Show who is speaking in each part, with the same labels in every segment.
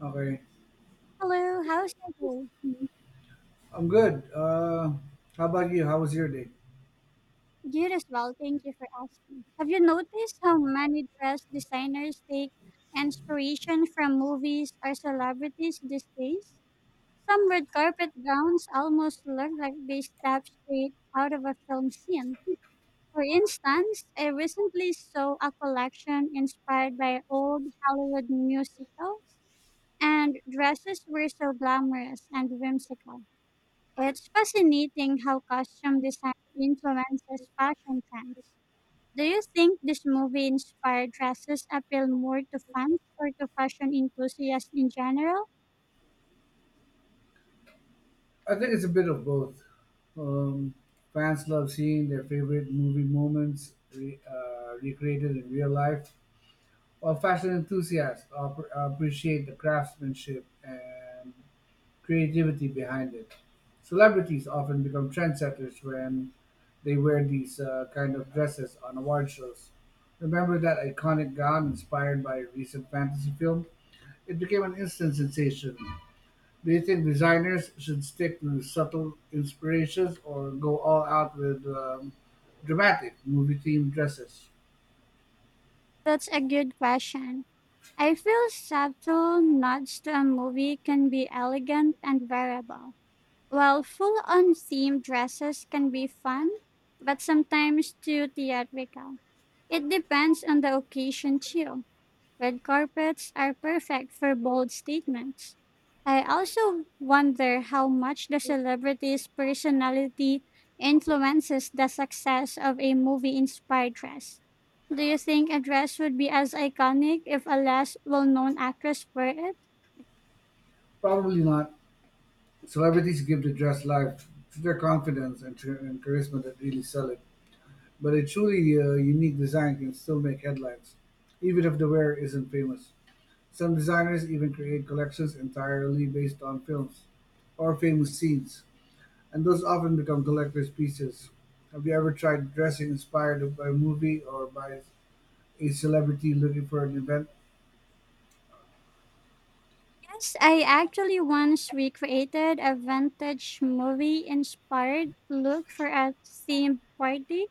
Speaker 1: Okay.
Speaker 2: Hello, how's your day?
Speaker 1: I'm good. How about you? How was your day?
Speaker 2: Good as well, thank you for asking. Have you noticed how many dress designers take inspiration from movies or celebrities these days? Some red carpet gowns almost look like they stepped straight out of a film scene. For instance, I recently saw a collection inspired by old Hollywood musicals, and dresses were so glamorous and whimsical. Well, it's fascinating how costume design influences fashion trends. Do you think this movie inspired dresses appeal more to fans or to fashion enthusiasts in general?
Speaker 1: I think it's a bit of both. Um, fans love seeing their favorite movie moments recreated in real life, while fashion enthusiasts appreciate the craftsmanship and creativity behind it. Celebrities often become trendsetters when they wear these kind of dresses on award shows. Remember that iconic gown inspired by a recent fantasy film? It became an instant sensation. Do you think designers should stick to subtle inspirations or go all out with dramatic movie themed dresses?
Speaker 2: That's a good question. I feel subtle nods to a movie can be elegant and wearable, while full on themed dresses can be fun, but sometimes too theatrical. It depends on the occasion too. Red carpets are perfect for bold statements. I also wonder how much the celebrity's personality influences the success of a movie inspired dress. Do you think a dress would be as iconic if a less well known actress wore it?
Speaker 1: Probably not. Celebrities give the dress life to their confidence and charisma that really sell it. But a truly unique design can still make headlines, even if the wearer isn't famous. Some designers even create collections entirely based on films or famous scenes, and those often become collector's pieces. Have you ever tried dressing inspired by a movie or by a celebrity looking for an event?
Speaker 2: Yes, I actually once recreated a vintage movie inspired look for a theme party.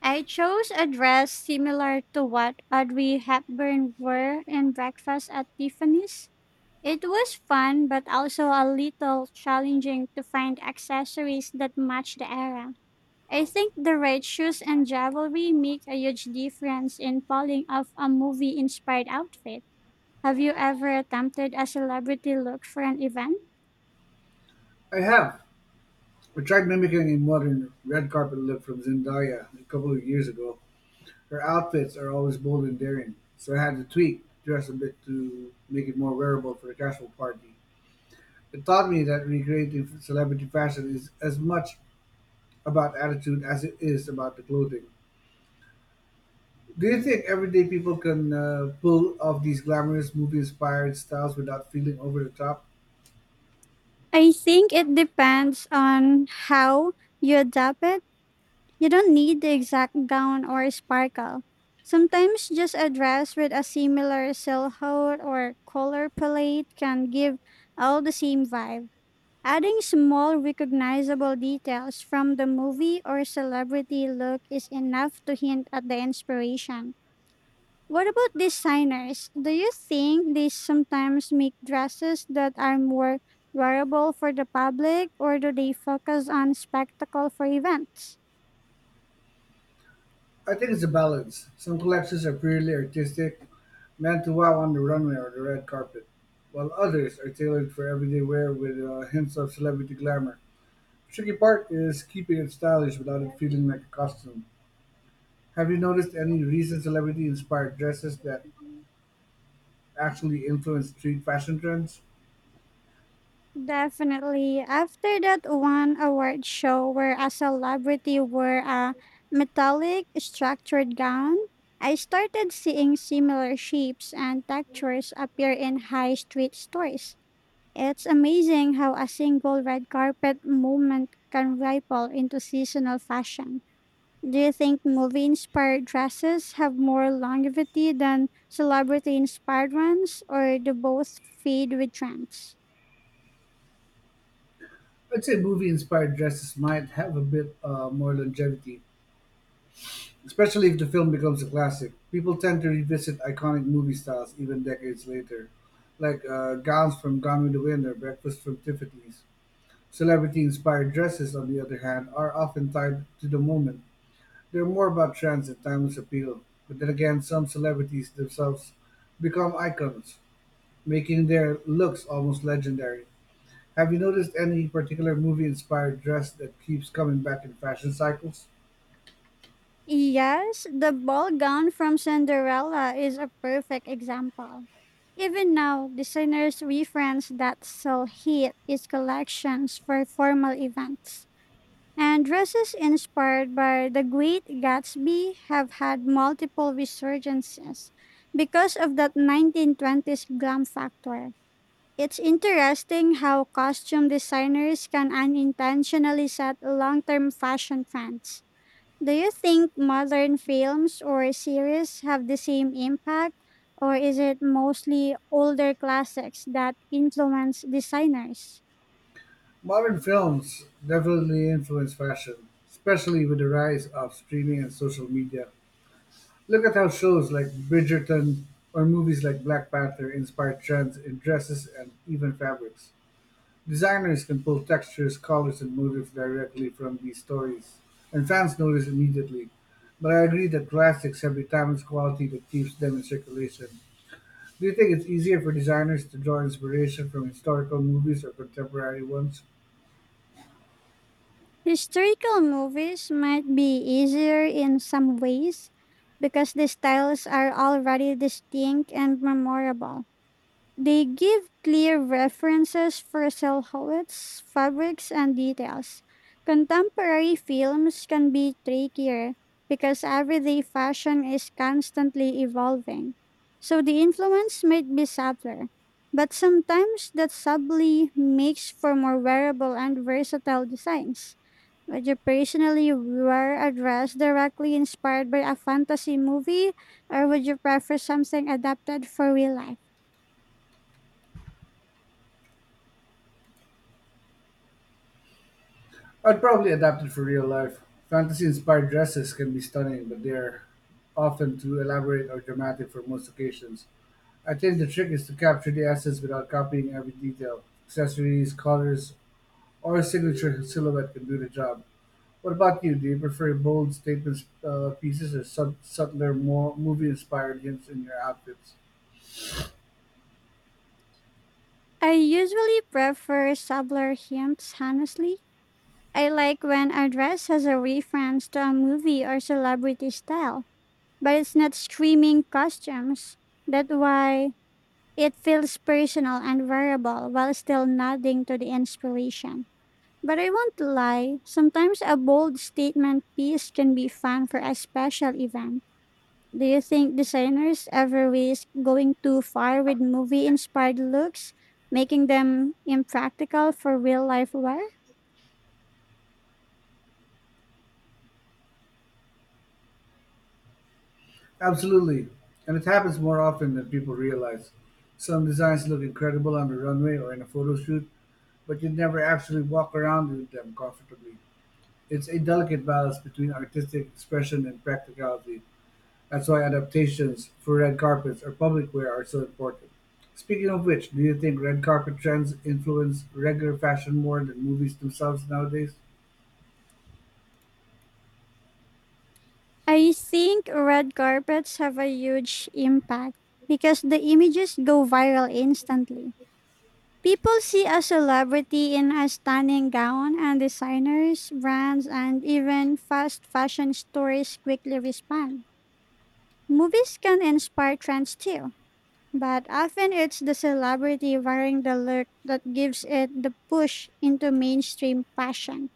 Speaker 2: I chose a dress similar to what Audrey Hepburn wore in Breakfast at Tiffany's. It was fun, but also a little challenging to find accessories that match the era. I think the right shoes and jewelry make a huge difference in pulling off a movie inspired outfit. Have you ever attempted a celebrity look for an event?
Speaker 1: I have. I tried mimicking a modern red carpet look from Zendaya a couple of years ago. Her outfits are always bold and daring, so I had to tweak, dress a bit to make it more wearable for a casual party. It taught me that recreating celebrity fashion is as much about attitude as it is about the clothing. Do you think everyday people can pull off these glamorous movie inspired styles without feeling over the top?
Speaker 2: I think it depends on how you adapt it. You don't need the exact gown or sparkle. Sometimes just a dress with a similar silhouette or color palette can give all the same vibe. Adding small recognizable details from the movie or celebrity look is enough to hint at the inspiration. What about designers? Do you think they sometimes make dresses that are more wearable for the public, or do they focus on spectacle for events?
Speaker 1: I think it's a balance. Some collections are purely artistic, meant to wow on the runway or the red carpet, while others are tailored for everyday wear with hints of celebrity glamour. Tricky part is keeping it stylish without it feeling like a costume. Have you noticed any recent celebrity inspired dresses that actually influence street fashion trends?
Speaker 2: Definitely. After that one award show where a celebrity wore a metallic structured gown, I started seeing similar shapes and textures appear in high street stores. It's amazing how a single red carpet movement can ripple into seasonal fashion. Do you think movie inspired dresses have more longevity than celebrity inspired ones, or do both fade with trends?
Speaker 1: I'd say movie inspired dresses might have a bit more longevity, especially if the film becomes a classic. People tend to revisit iconic movie styles even decades later, like gowns from Gone with the Wind or breakfast from Tiffany's. Celebrity inspired dresses, on the other hand, are often tied to the moment. They're more about trends and timeless appeal, but then again some celebrities themselves become icons, making their looks almost legendary. Have you noticed any particular movie inspired dress that keeps coming back in fashion cycles?
Speaker 2: Yes, the ball gown from Cinderella is a perfect example. Even now, designers reference that sell heat is collections for formal events. And dresses inspired by the Great Gatsby have had multiple resurgences because of that 1920s glam factor. It's interesting how costume designers can unintentionally set long term fashion trends. Do you think modern films or series have the same impact, or is it mostly older classics that influence designers?
Speaker 1: Modern films definitely influence fashion, especially with the rise of streaming and social media. Look at how shows like Bridgerton or movies like Black Panther inspire trends in dresses and even fabrics. Designers can pull textures, colors, and motifs directly from these stories, and fans notice immediately. But I agree that classics have a timeless quality that keeps them in circulation. Do you think it's easier for designers to draw inspiration from historical movies or contemporary ones?
Speaker 2: Historical movies might be easier in some ways because the styles are already distinct and memorable. They give clear references for silhouettes, fabrics, and details. Contemporary films can be trickier because everyday fashion is constantly evolving. So the influence might be subtler, but sometimes that subtly makes for more wearable and versatile designs. Would you personally wear a dress directly inspired by a fantasy movie, or would you prefer something adapted for real life?
Speaker 1: I'd probably adapt it for real life. Fantasy inspired dresses can be stunning, but they're often too elaborate or dramatic for most occasions. I think the trick is to capture the essence without copying every detail. Accessories, colors, or a signature silhouette can do the job. What about you? Do you prefer bold statement pieces or subtler, more movie-inspired hints in your outfits?
Speaker 2: I usually prefer subtler hints, honestly. I like when a dress has a reference to a movie or celebrity style, but it's not screaming costumes. That's why it feels personal and variable while still nodding to the inspiration. But I won't lie, sometimes a bold statement piece can be fun for a special event. Do you think designers ever risk going too far with movie inspired looks, making them impractical for real life wear?
Speaker 1: Absolutely, and it happens more often than people realize. Some designs look incredible on the runway or in a photo shoot, but you never actually walk around with them comfortably. It's a delicate balance between artistic expression and practicality. That's why adaptations for red carpets or public wear are so important. Speaking of which, do you think red carpet trends influence regular fashion more than movies themselves nowadays?
Speaker 2: I think red carpets have a huge impact because the images go viral instantly. People see a celebrity in a stunning gown, and designers, brands, and even fast fashion stores quickly respond. Movies can inspire trends too, but often it's the celebrity wearing the look that gives it the push into mainstream fashion.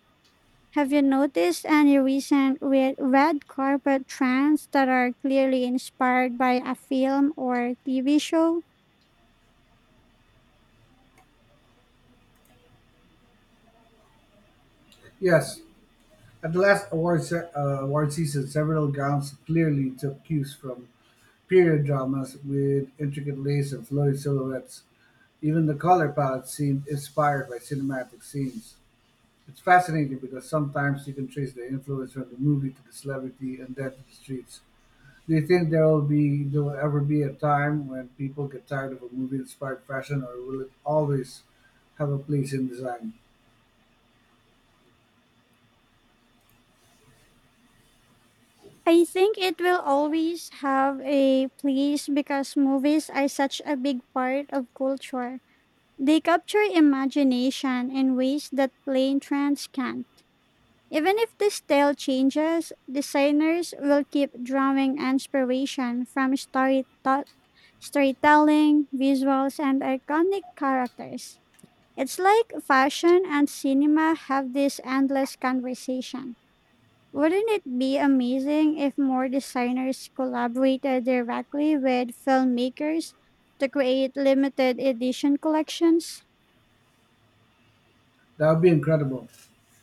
Speaker 2: Have you noticed any recent red carpet trends that are clearly inspired by a film or TV show?
Speaker 1: Yes. At the last award season, several gowns clearly took cues from period dramas with intricate lace and florid silhouettes. Even the color palette seemed inspired by cinematic scenes. It's fascinating because sometimes you can trace the influence from the movie to the celebrity and then to the streets. Do you think there will ever be a time when people get tired of a movie-inspired fashion, or will it always have a place in design?
Speaker 2: I think it will always have a place because movies are such a big part of culture. They capture imagination in ways that plain trends can. Even if the style changes, designers will keep drawing inspiration from storytelling, visuals, and iconic characters. It's like fashion and cinema have this endless conversation. Wouldn't it be amazing if more designers collaborated directly with filmmakers to create limited edition collections?
Speaker 1: That would be incredible.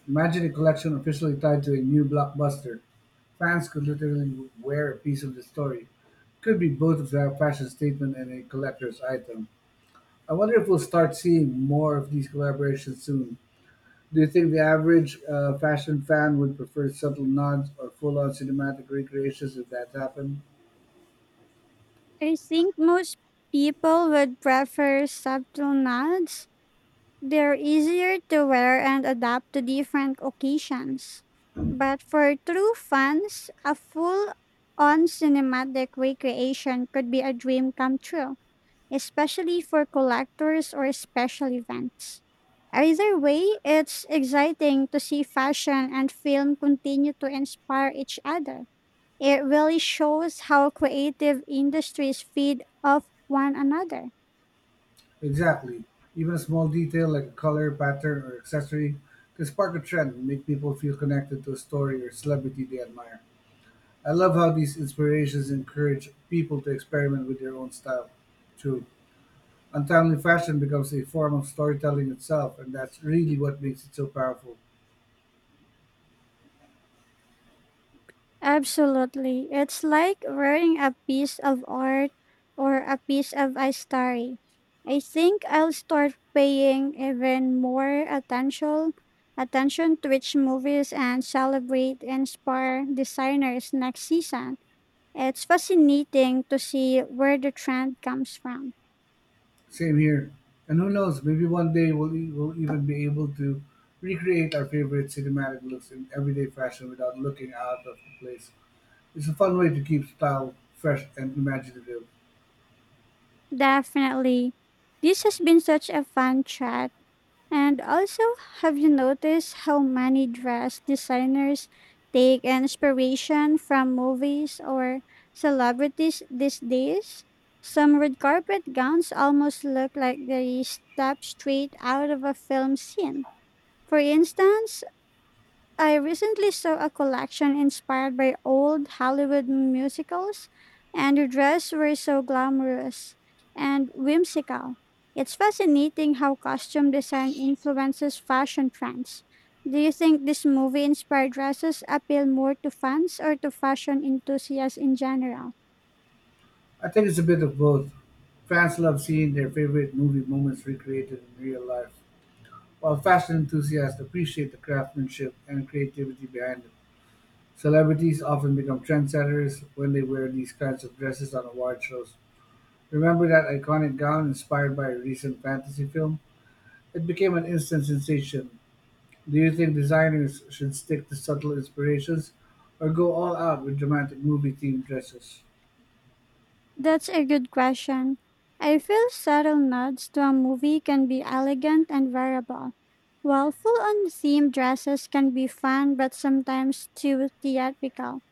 Speaker 1: Imagine a collection officially tied to a new blockbuster. Fans could literally wear a piece of the story. Could be both a fashion statement and a collector's item. I wonder if we'll start seeing more of these collaborations soon. Do you think the average fashion fan would prefer subtle nods or full-on cinematic recreations if that happened?
Speaker 2: I think most people would prefer subtle nods. They're easier to wear and adapt to different occasions. But for true fans, a full on cinematic recreation could be a dream come true, especially for collectors or special events. Either way, it's exciting to see fashion and film continue to inspire each other. It really shows how creative industries feed off one another.
Speaker 1: Exactly. Even a small detail like a color, pattern, or accessory can spark a trend and make people feel connected to a story or celebrity they admire. I love how these inspirations encourage people to experiment with their own style. True. Untimely fashion becomes a form of storytelling itself, and that's really what makes it so powerful.
Speaker 2: Absolutely. It's like wearing a piece of art or a piece of history. I think I'll start paying even more attention to which movies and celebrate inspire designers next season. It's fascinating to see where the trend comes from.
Speaker 1: Same here. And who knows, maybe one day we'll even be able to recreate our favorite cinematic looks in everyday fashion without looking out of place. It's a fun way to keep style fresh and imaginative.
Speaker 2: Definitely. This has been such a fun chat. And also, have you noticed how many dress designers take inspiration from movies or celebrities these days? Some red carpet gowns almost look like they stepped straight out of a film scene. For instance, I recently saw a collection inspired by old Hollywood musicals, and the dress were so glamorous and whimsical. It's fascinating how costume design influences fashion trends. Do you think this movie inspired dresses appeal more to fans or to fashion enthusiasts in general?
Speaker 1: I think it's a bit of both. Fans love seeing their favorite movie moments recreated in real life, while fashion enthusiasts appreciate the craftsmanship and creativity behind it. Celebrities often become trendsetters when they wear these kinds of dresses on award shows. Remember that iconic gown inspired by a recent fantasy film? It became an instant sensation. Do you think designers should stick to subtle inspirations or go all out with dramatic movie themed dresses?
Speaker 2: That's a good question. I feel subtle nods to a movie can be elegant and variable, while full on theme dresses can be fun but sometimes too theatrical.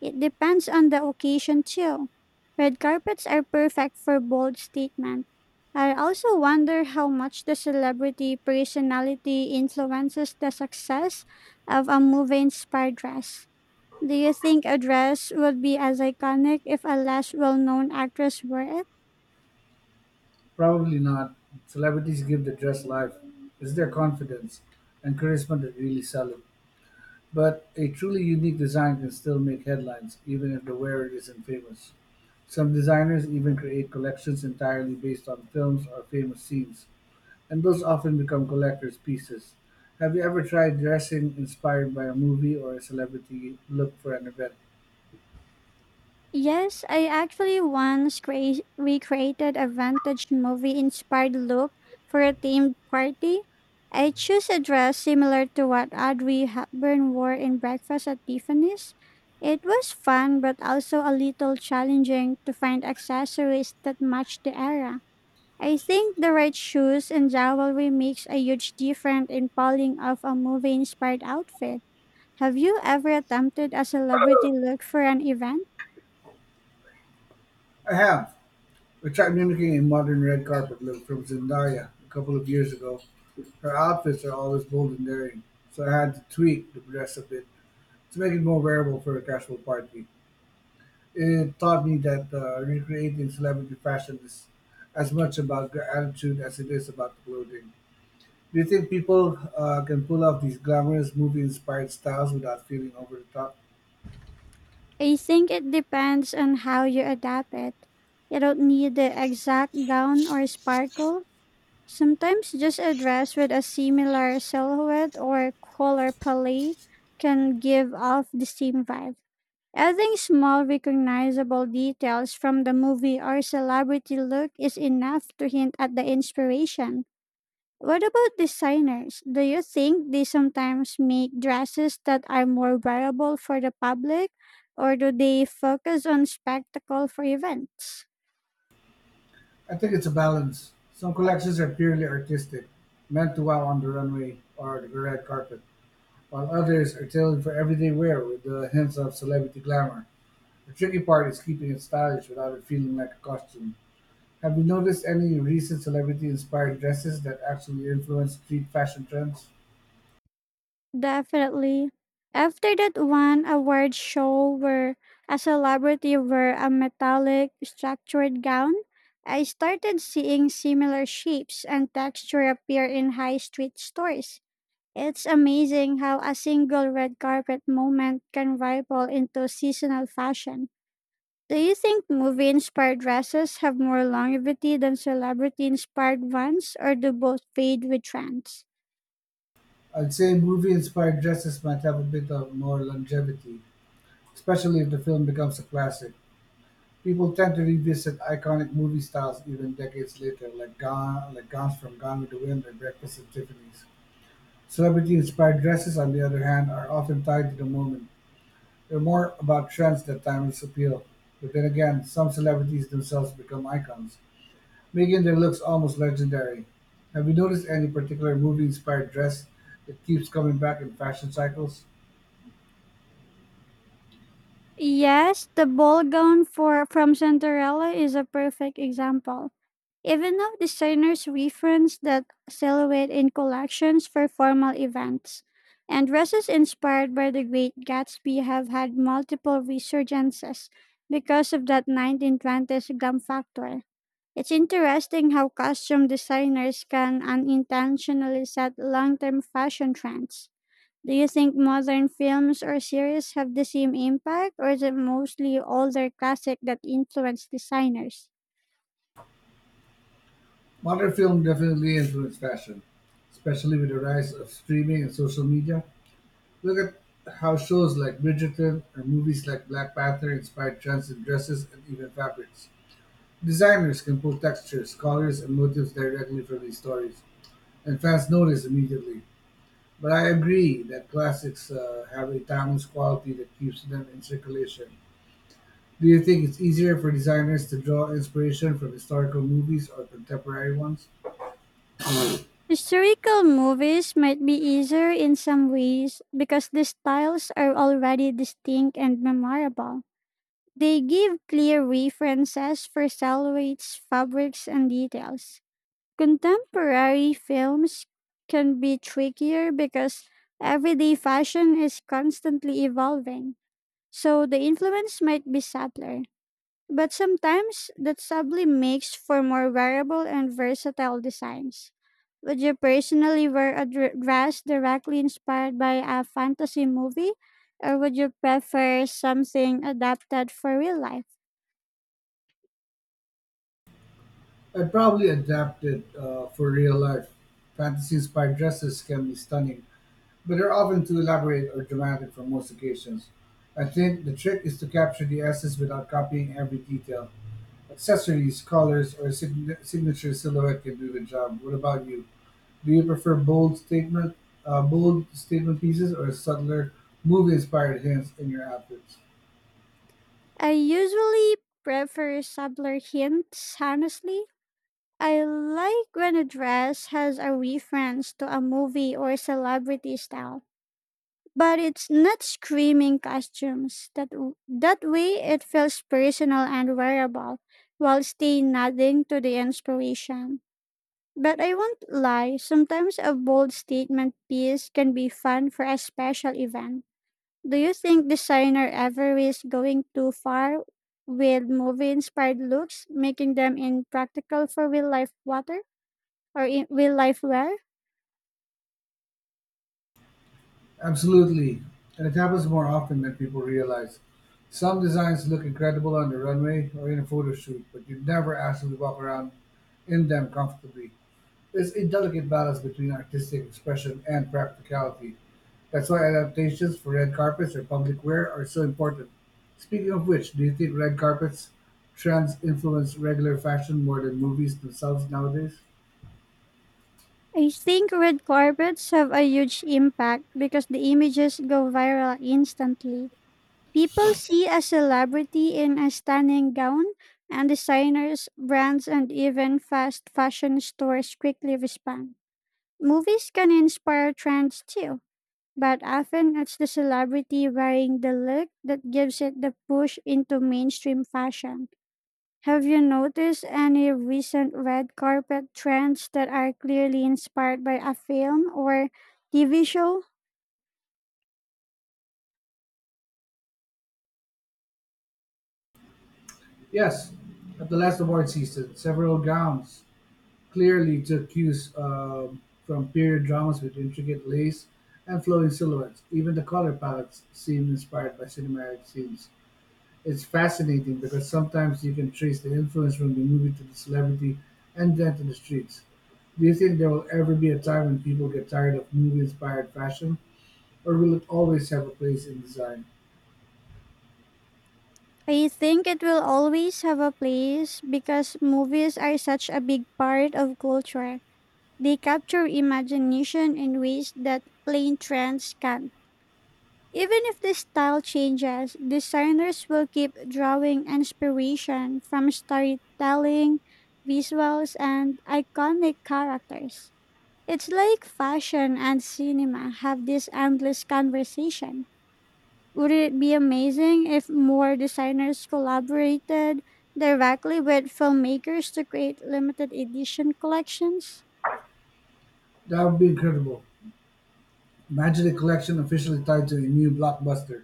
Speaker 2: It depends on the occasion, too. Red carpets are perfect for bold statement. I also wonder how much the celebrity personality influences the success of a movie inspired dress. Do you think a dress would be as iconic if a less well known actress wore it?
Speaker 1: Probably not. Celebrities give the dress life. It's their confidence and charisma that really sell it. But a truly unique design can still make headlines, even if the wearer isn't famous. Some designers even create collections entirely based on films or famous scenes, and those often become collector's pieces. Have you ever tried dressing inspired by a movie or a celebrity look for an event?
Speaker 2: Yes, I actually once recreated a vintage movie inspired look for a themed party. I chose a dress similar to what Audrey Hepburn wore in Breakfast at Tiffany's. It was fun but also a little challenging to find accessories that matched the era. I think the right shoes and jewelry makes a huge difference in pulling off a movie-inspired outfit. Have you ever attempted a celebrity look for an event?
Speaker 1: I have. We tried mimicking a modern red carpet look from Zendaya a couple of years ago. Her outfits are always bold and daring, so I had to tweak the dress a bit to make it more wearable for a casual party. It taught me that recreating celebrity fashion is as much about the attitude as it is about the clothing. Do you think people can pull off these glamorous movie-inspired styles without feeling over the top?
Speaker 2: I think it depends on how you adapt it. You don't need the exact gown or sparkle. Sometimes just a dress with a similar silhouette or color palette can give off the same vibe. Adding small recognizable details from the movie or celebrity look is enough to hint at the inspiration. What about designers? Do you think they sometimes make dresses that are more wearable for the public, or do they focus on spectacle for events?
Speaker 1: I think it's a balance. Some collections are purely artistic, meant to wow on the runway or the red carpet, while others are tailored for everyday wear with the hints of celebrity glamour. The tricky part is keeping it stylish without it feeling like a costume. Have you noticed any recent celebrity inspired dresses that actually influence street fashion trends?
Speaker 2: Definitely. After that one award show where a celebrity wore a metallic structured gown, I started seeing similar shapes and texture appear in high street stores. It's amazing how a single red carpet moment can rival into seasonal fashion. Do you think movie inspired dresses have more longevity than celebrity inspired ones, or do both fade with trends?
Speaker 1: I'd say movie inspired dresses might have a bit of more longevity, especially if the film becomes a classic. People tend to revisit iconic movie styles even decades later, like gowns from Gone with the Wind or Breakfast at Tiffany's. Celebrity inspired dresses, on the other hand, are often tied to the moment. They're more about trends than timeless appeal. But then again, some celebrities themselves become icons, making their looks almost legendary. Have you noticed any particular movie inspired dress that keeps coming back in fashion cycles?
Speaker 2: Yes, the ball gown for from Cinderella is a perfect example. Even though designers reference that silhouette in collections for formal events, and dresses inspired by the Great Gatsby have had multiple resurgences because of that 1920s glam factor. It's interesting how costume designers can unintentionally set long-term fashion trends. Do you think modern films or series have the same impact, or is it mostly older classic that influence designers?
Speaker 1: Modern film definitely influenced fashion, especially with the rise of streaming and social media. Look at how shows like Bridgerton or movies like Black Panther inspired trends in dresses and even fabrics. Designers can pull textures, colors, and motifs directly from these stories, and fans notice immediately. But I agree that classics have a timeless quality that keeps them in circulation. Do you think it's easier for designers to draw inspiration from historical movies or contemporary ones?
Speaker 2: Historical movies might be easier in some ways because the styles are already distinct and memorable. They give clear references for silhouettes, fabrics, and details. Contemporary films can be trickier because everyday fashion is constantly evolving. So the influence might be subtler, but sometimes that subtly makes for more wearable and versatile designs. Would you personally wear a dress directly inspired by a fantasy movie, or would you prefer something adapted for real life?
Speaker 1: I'd probably adapt it for real life. Fantasy inspired dresses can be stunning, but they're often too elaborate or dramatic for most occasions. I think the trick is to capture the essence without copying every detail. Accessories, colors, or signature silhouette can do the job. What about you? Do you prefer bold statement pieces or subtler, movie-inspired hints in your outfits?
Speaker 2: I usually prefer subtler hints, honestly. I like when a dress has a reference to a movie or celebrity style, but it's not screaming costumes. That way it feels personal and wearable, while staying nothing to the inspiration. But I won't lie, sometimes a bold statement piece can be fun for a special event. Do you think designer ever is going too far with movie inspired looks, making them impractical for real life water or in real life wear?
Speaker 1: Absolutely, and it happens more often than people realize. Some designs look incredible on the runway or in a photo shoot, but you never actually walk around in them comfortably. It's a delicate balance between artistic expression and practicality. That's why adaptations for red carpets or public wear are so important. Speaking of which, do you think red carpets trends influence regular fashion more than movies themselves nowadays?
Speaker 2: I think red carpets have a huge impact because the images go viral instantly. People see a celebrity in a stunning gown, and designers, brands, and even fast fashion stores quickly respond. Movies can inspire trends too, but often it's the celebrity wearing the look that gives it the push into mainstream fashion. Have you noticed any recent red carpet trends that are clearly inspired by a film or TV show?
Speaker 1: Yes. At the last award season, several gowns clearly took cues from period dramas with intricate lace and flowing silhouettes. Even the color palettes seemed inspired by cinematic scenes. It's fascinating because sometimes you can trace the influence from the movie to the celebrity and then to the streets. Do you think there will ever be a time when people get tired of movie inspired fashion, or will it always have a place in design?
Speaker 2: I think it will always have a place because movies are such a big part of culture. They capture imagination in ways that plain trends can't. Even if the style changes, designers will keep drawing inspiration from storytelling, visuals, and iconic characters. It's like fashion and cinema have this endless conversation. Would it be amazing if more designers collaborated directly with filmmakers to create limited edition collections?
Speaker 1: That would be incredible. Imagine a collection officially tied to a new blockbuster.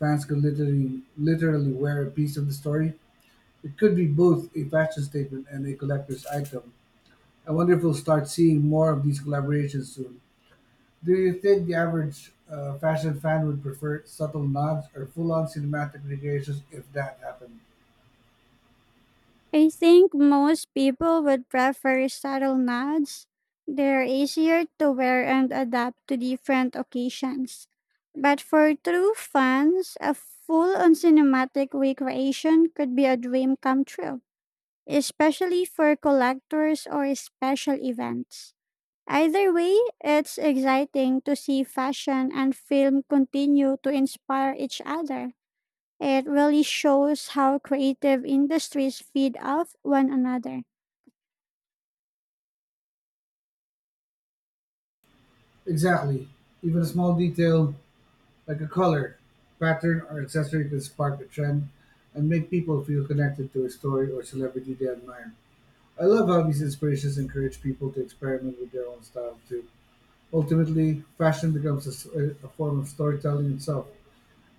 Speaker 1: Fans could literally wear a piece of the story. It could be both a fashion statement and a collector's item. I wonder if we'll start seeing more of these collaborations soon. Do you think the average fashion fan would prefer subtle nods or full-on cinematic recreations if that happened?
Speaker 2: I think most people would prefer subtle nods. They're easier to wear and adapt to different occasions. But for true fans, a full on cinematic recreation could be a dream come true, especially for collectors or special events. Either way, it's exciting to see fashion and film continue to inspire each other. It really shows how creative industries feed off one another.
Speaker 1: Exactly. Even a small detail like a color, pattern, or accessory can spark a trend and make people feel connected to a story or celebrity they admire. I love how these inspirations encourage people to experiment with their own style too. Ultimately, fashion becomes a form of storytelling itself,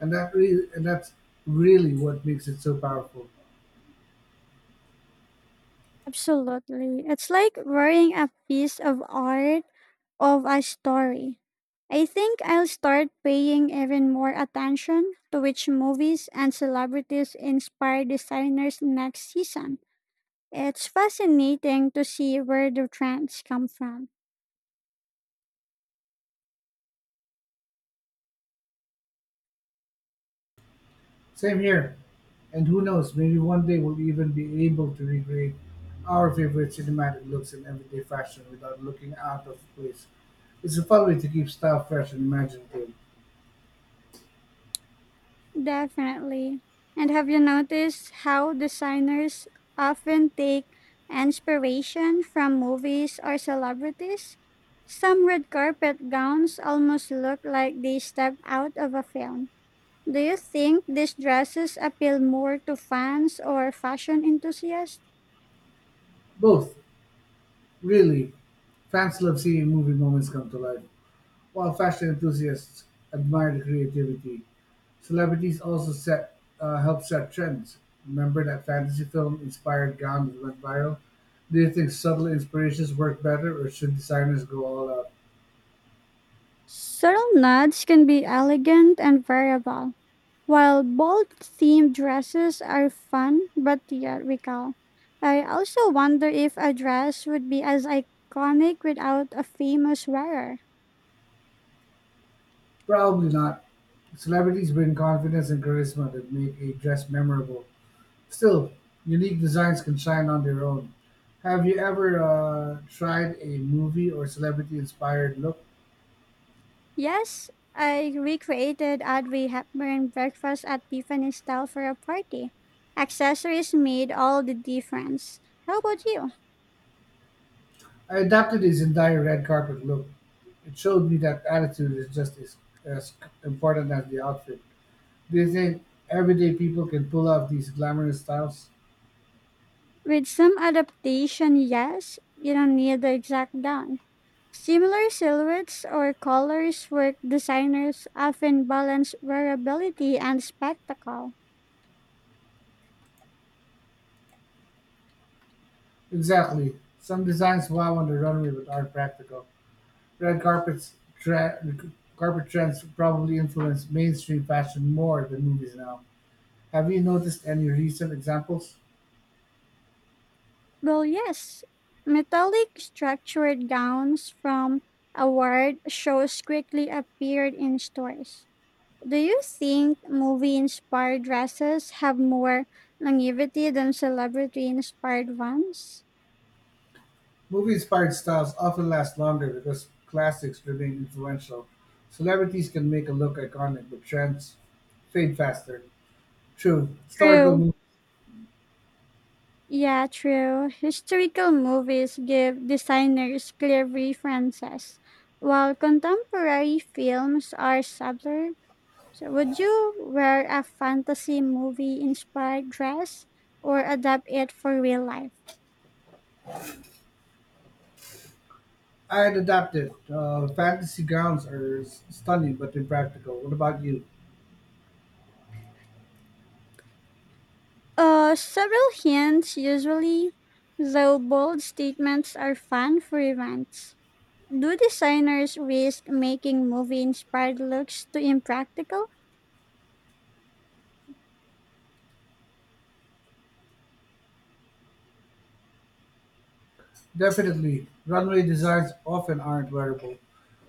Speaker 1: and that's really what makes it so powerful.
Speaker 2: Absolutely. It's like wearing a piece of art of a story. I think I'll start paying even more attention to which movies and celebrities inspire designers next season. It's fascinating to see where the trends come from.
Speaker 1: Same here. And who knows, maybe one day we'll even be able to recreate our favorite cinematic looks in everyday fashion without looking out of place. It's a fun way to keep style fresh and imaginative.
Speaker 2: Definitely. And have you noticed how designers often take inspiration from movies or celebrities? Some red carpet gowns almost look like they stepped out of a film. Do you think these dresses appeal more to fans or fashion enthusiasts?
Speaker 1: Both, really. Fans love seeing movie moments come to life, while fashion enthusiasts admire the creativity. Celebrities also set help set trends. Remember that fantasy film inspired gown that went viral? Do you think subtle inspirations work better, or should designers go all out?
Speaker 2: Subtle nods can be elegant and variable. While bold themed dresses are fun but theatrical, I also wonder if a dress would be as iconic without a famous wearer.
Speaker 1: Probably not. Celebrities bring confidence and charisma that make a dress memorable. Still, unique designs can shine on their own. Have you ever tried a movie or celebrity inspired look?
Speaker 2: Yes, I recreated Audrey Hepburn breakfast at Tiffany's style for a party. Accessories made all the difference. How about you?
Speaker 1: I adapted his entire red carpet look. It showed me that attitude is just as important as the outfit. Do you think everyday people can pull off these glamorous styles?
Speaker 2: With some adaptation, yes, you don't need the exact gown. Similar silhouettes or colors work designers often balance wearability and spectacle.
Speaker 1: Exactly. Some designs wow on the runway but aren't practical. Red carpets tre- carpet trends probably influence mainstream fashion more than movies now. Have you noticed any recent examples?
Speaker 2: Well, yes, metallic structured gowns from award shows quickly appeared in stores. Do you think movie inspired dresses have more longevity than celebrity inspired ones?
Speaker 1: Movie inspired styles often last longer because classics remain influential. Celebrities can make a look iconic, but trends fade faster. True, historical
Speaker 2: True.
Speaker 1: movies.
Speaker 2: Yeah, true. Historical movies give designers clear references, while contemporary films are subtler. So, would you wear a fantasy movie inspired dress or adapt it for real life?
Speaker 1: I had adapted. Fantasy gowns are stunning but impractical. What about you?
Speaker 2: Several hints usually, though bold statements are fun for events. Do designers risk making movie inspired looks too impractical?
Speaker 1: Definitely, runway designs often aren't wearable,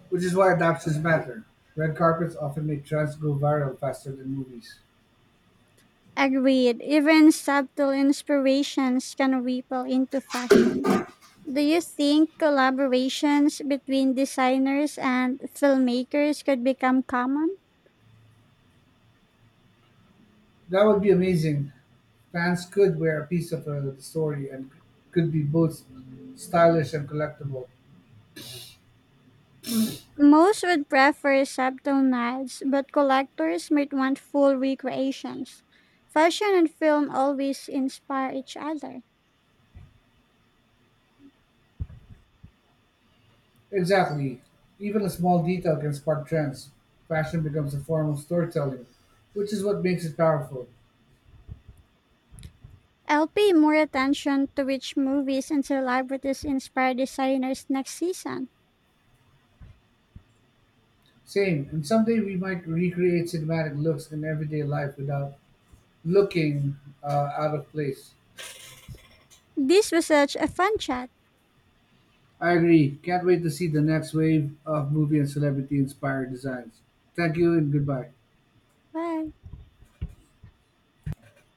Speaker 1: which is why adaptations matter. Red carpets often make trends go viral faster than movies.
Speaker 2: Agreed. Even subtle inspirations can ripple into fashion. Do you think collaborations between designers and filmmakers could become common?
Speaker 1: That would be amazing. Fans could wear a piece of the story, and could be both stylish and collectible.
Speaker 2: Most would prefer subtle nods, but collectors might want full recreations. Fashion and film always inspire each other.
Speaker 1: Exactly. Even a small detail can spark trends. Fashion becomes a form of storytelling, which is what makes it powerful.
Speaker 2: I'll pay more attention to which movies and celebrities inspire designers next season.
Speaker 1: Same, and someday we might recreate cinematic looks in everyday life without looking out of place.
Speaker 2: This was such a fun chat.
Speaker 1: I agree. Can't wait to see the next wave of movie and celebrity inspired designs. Thank you and goodbye.
Speaker 2: Bye.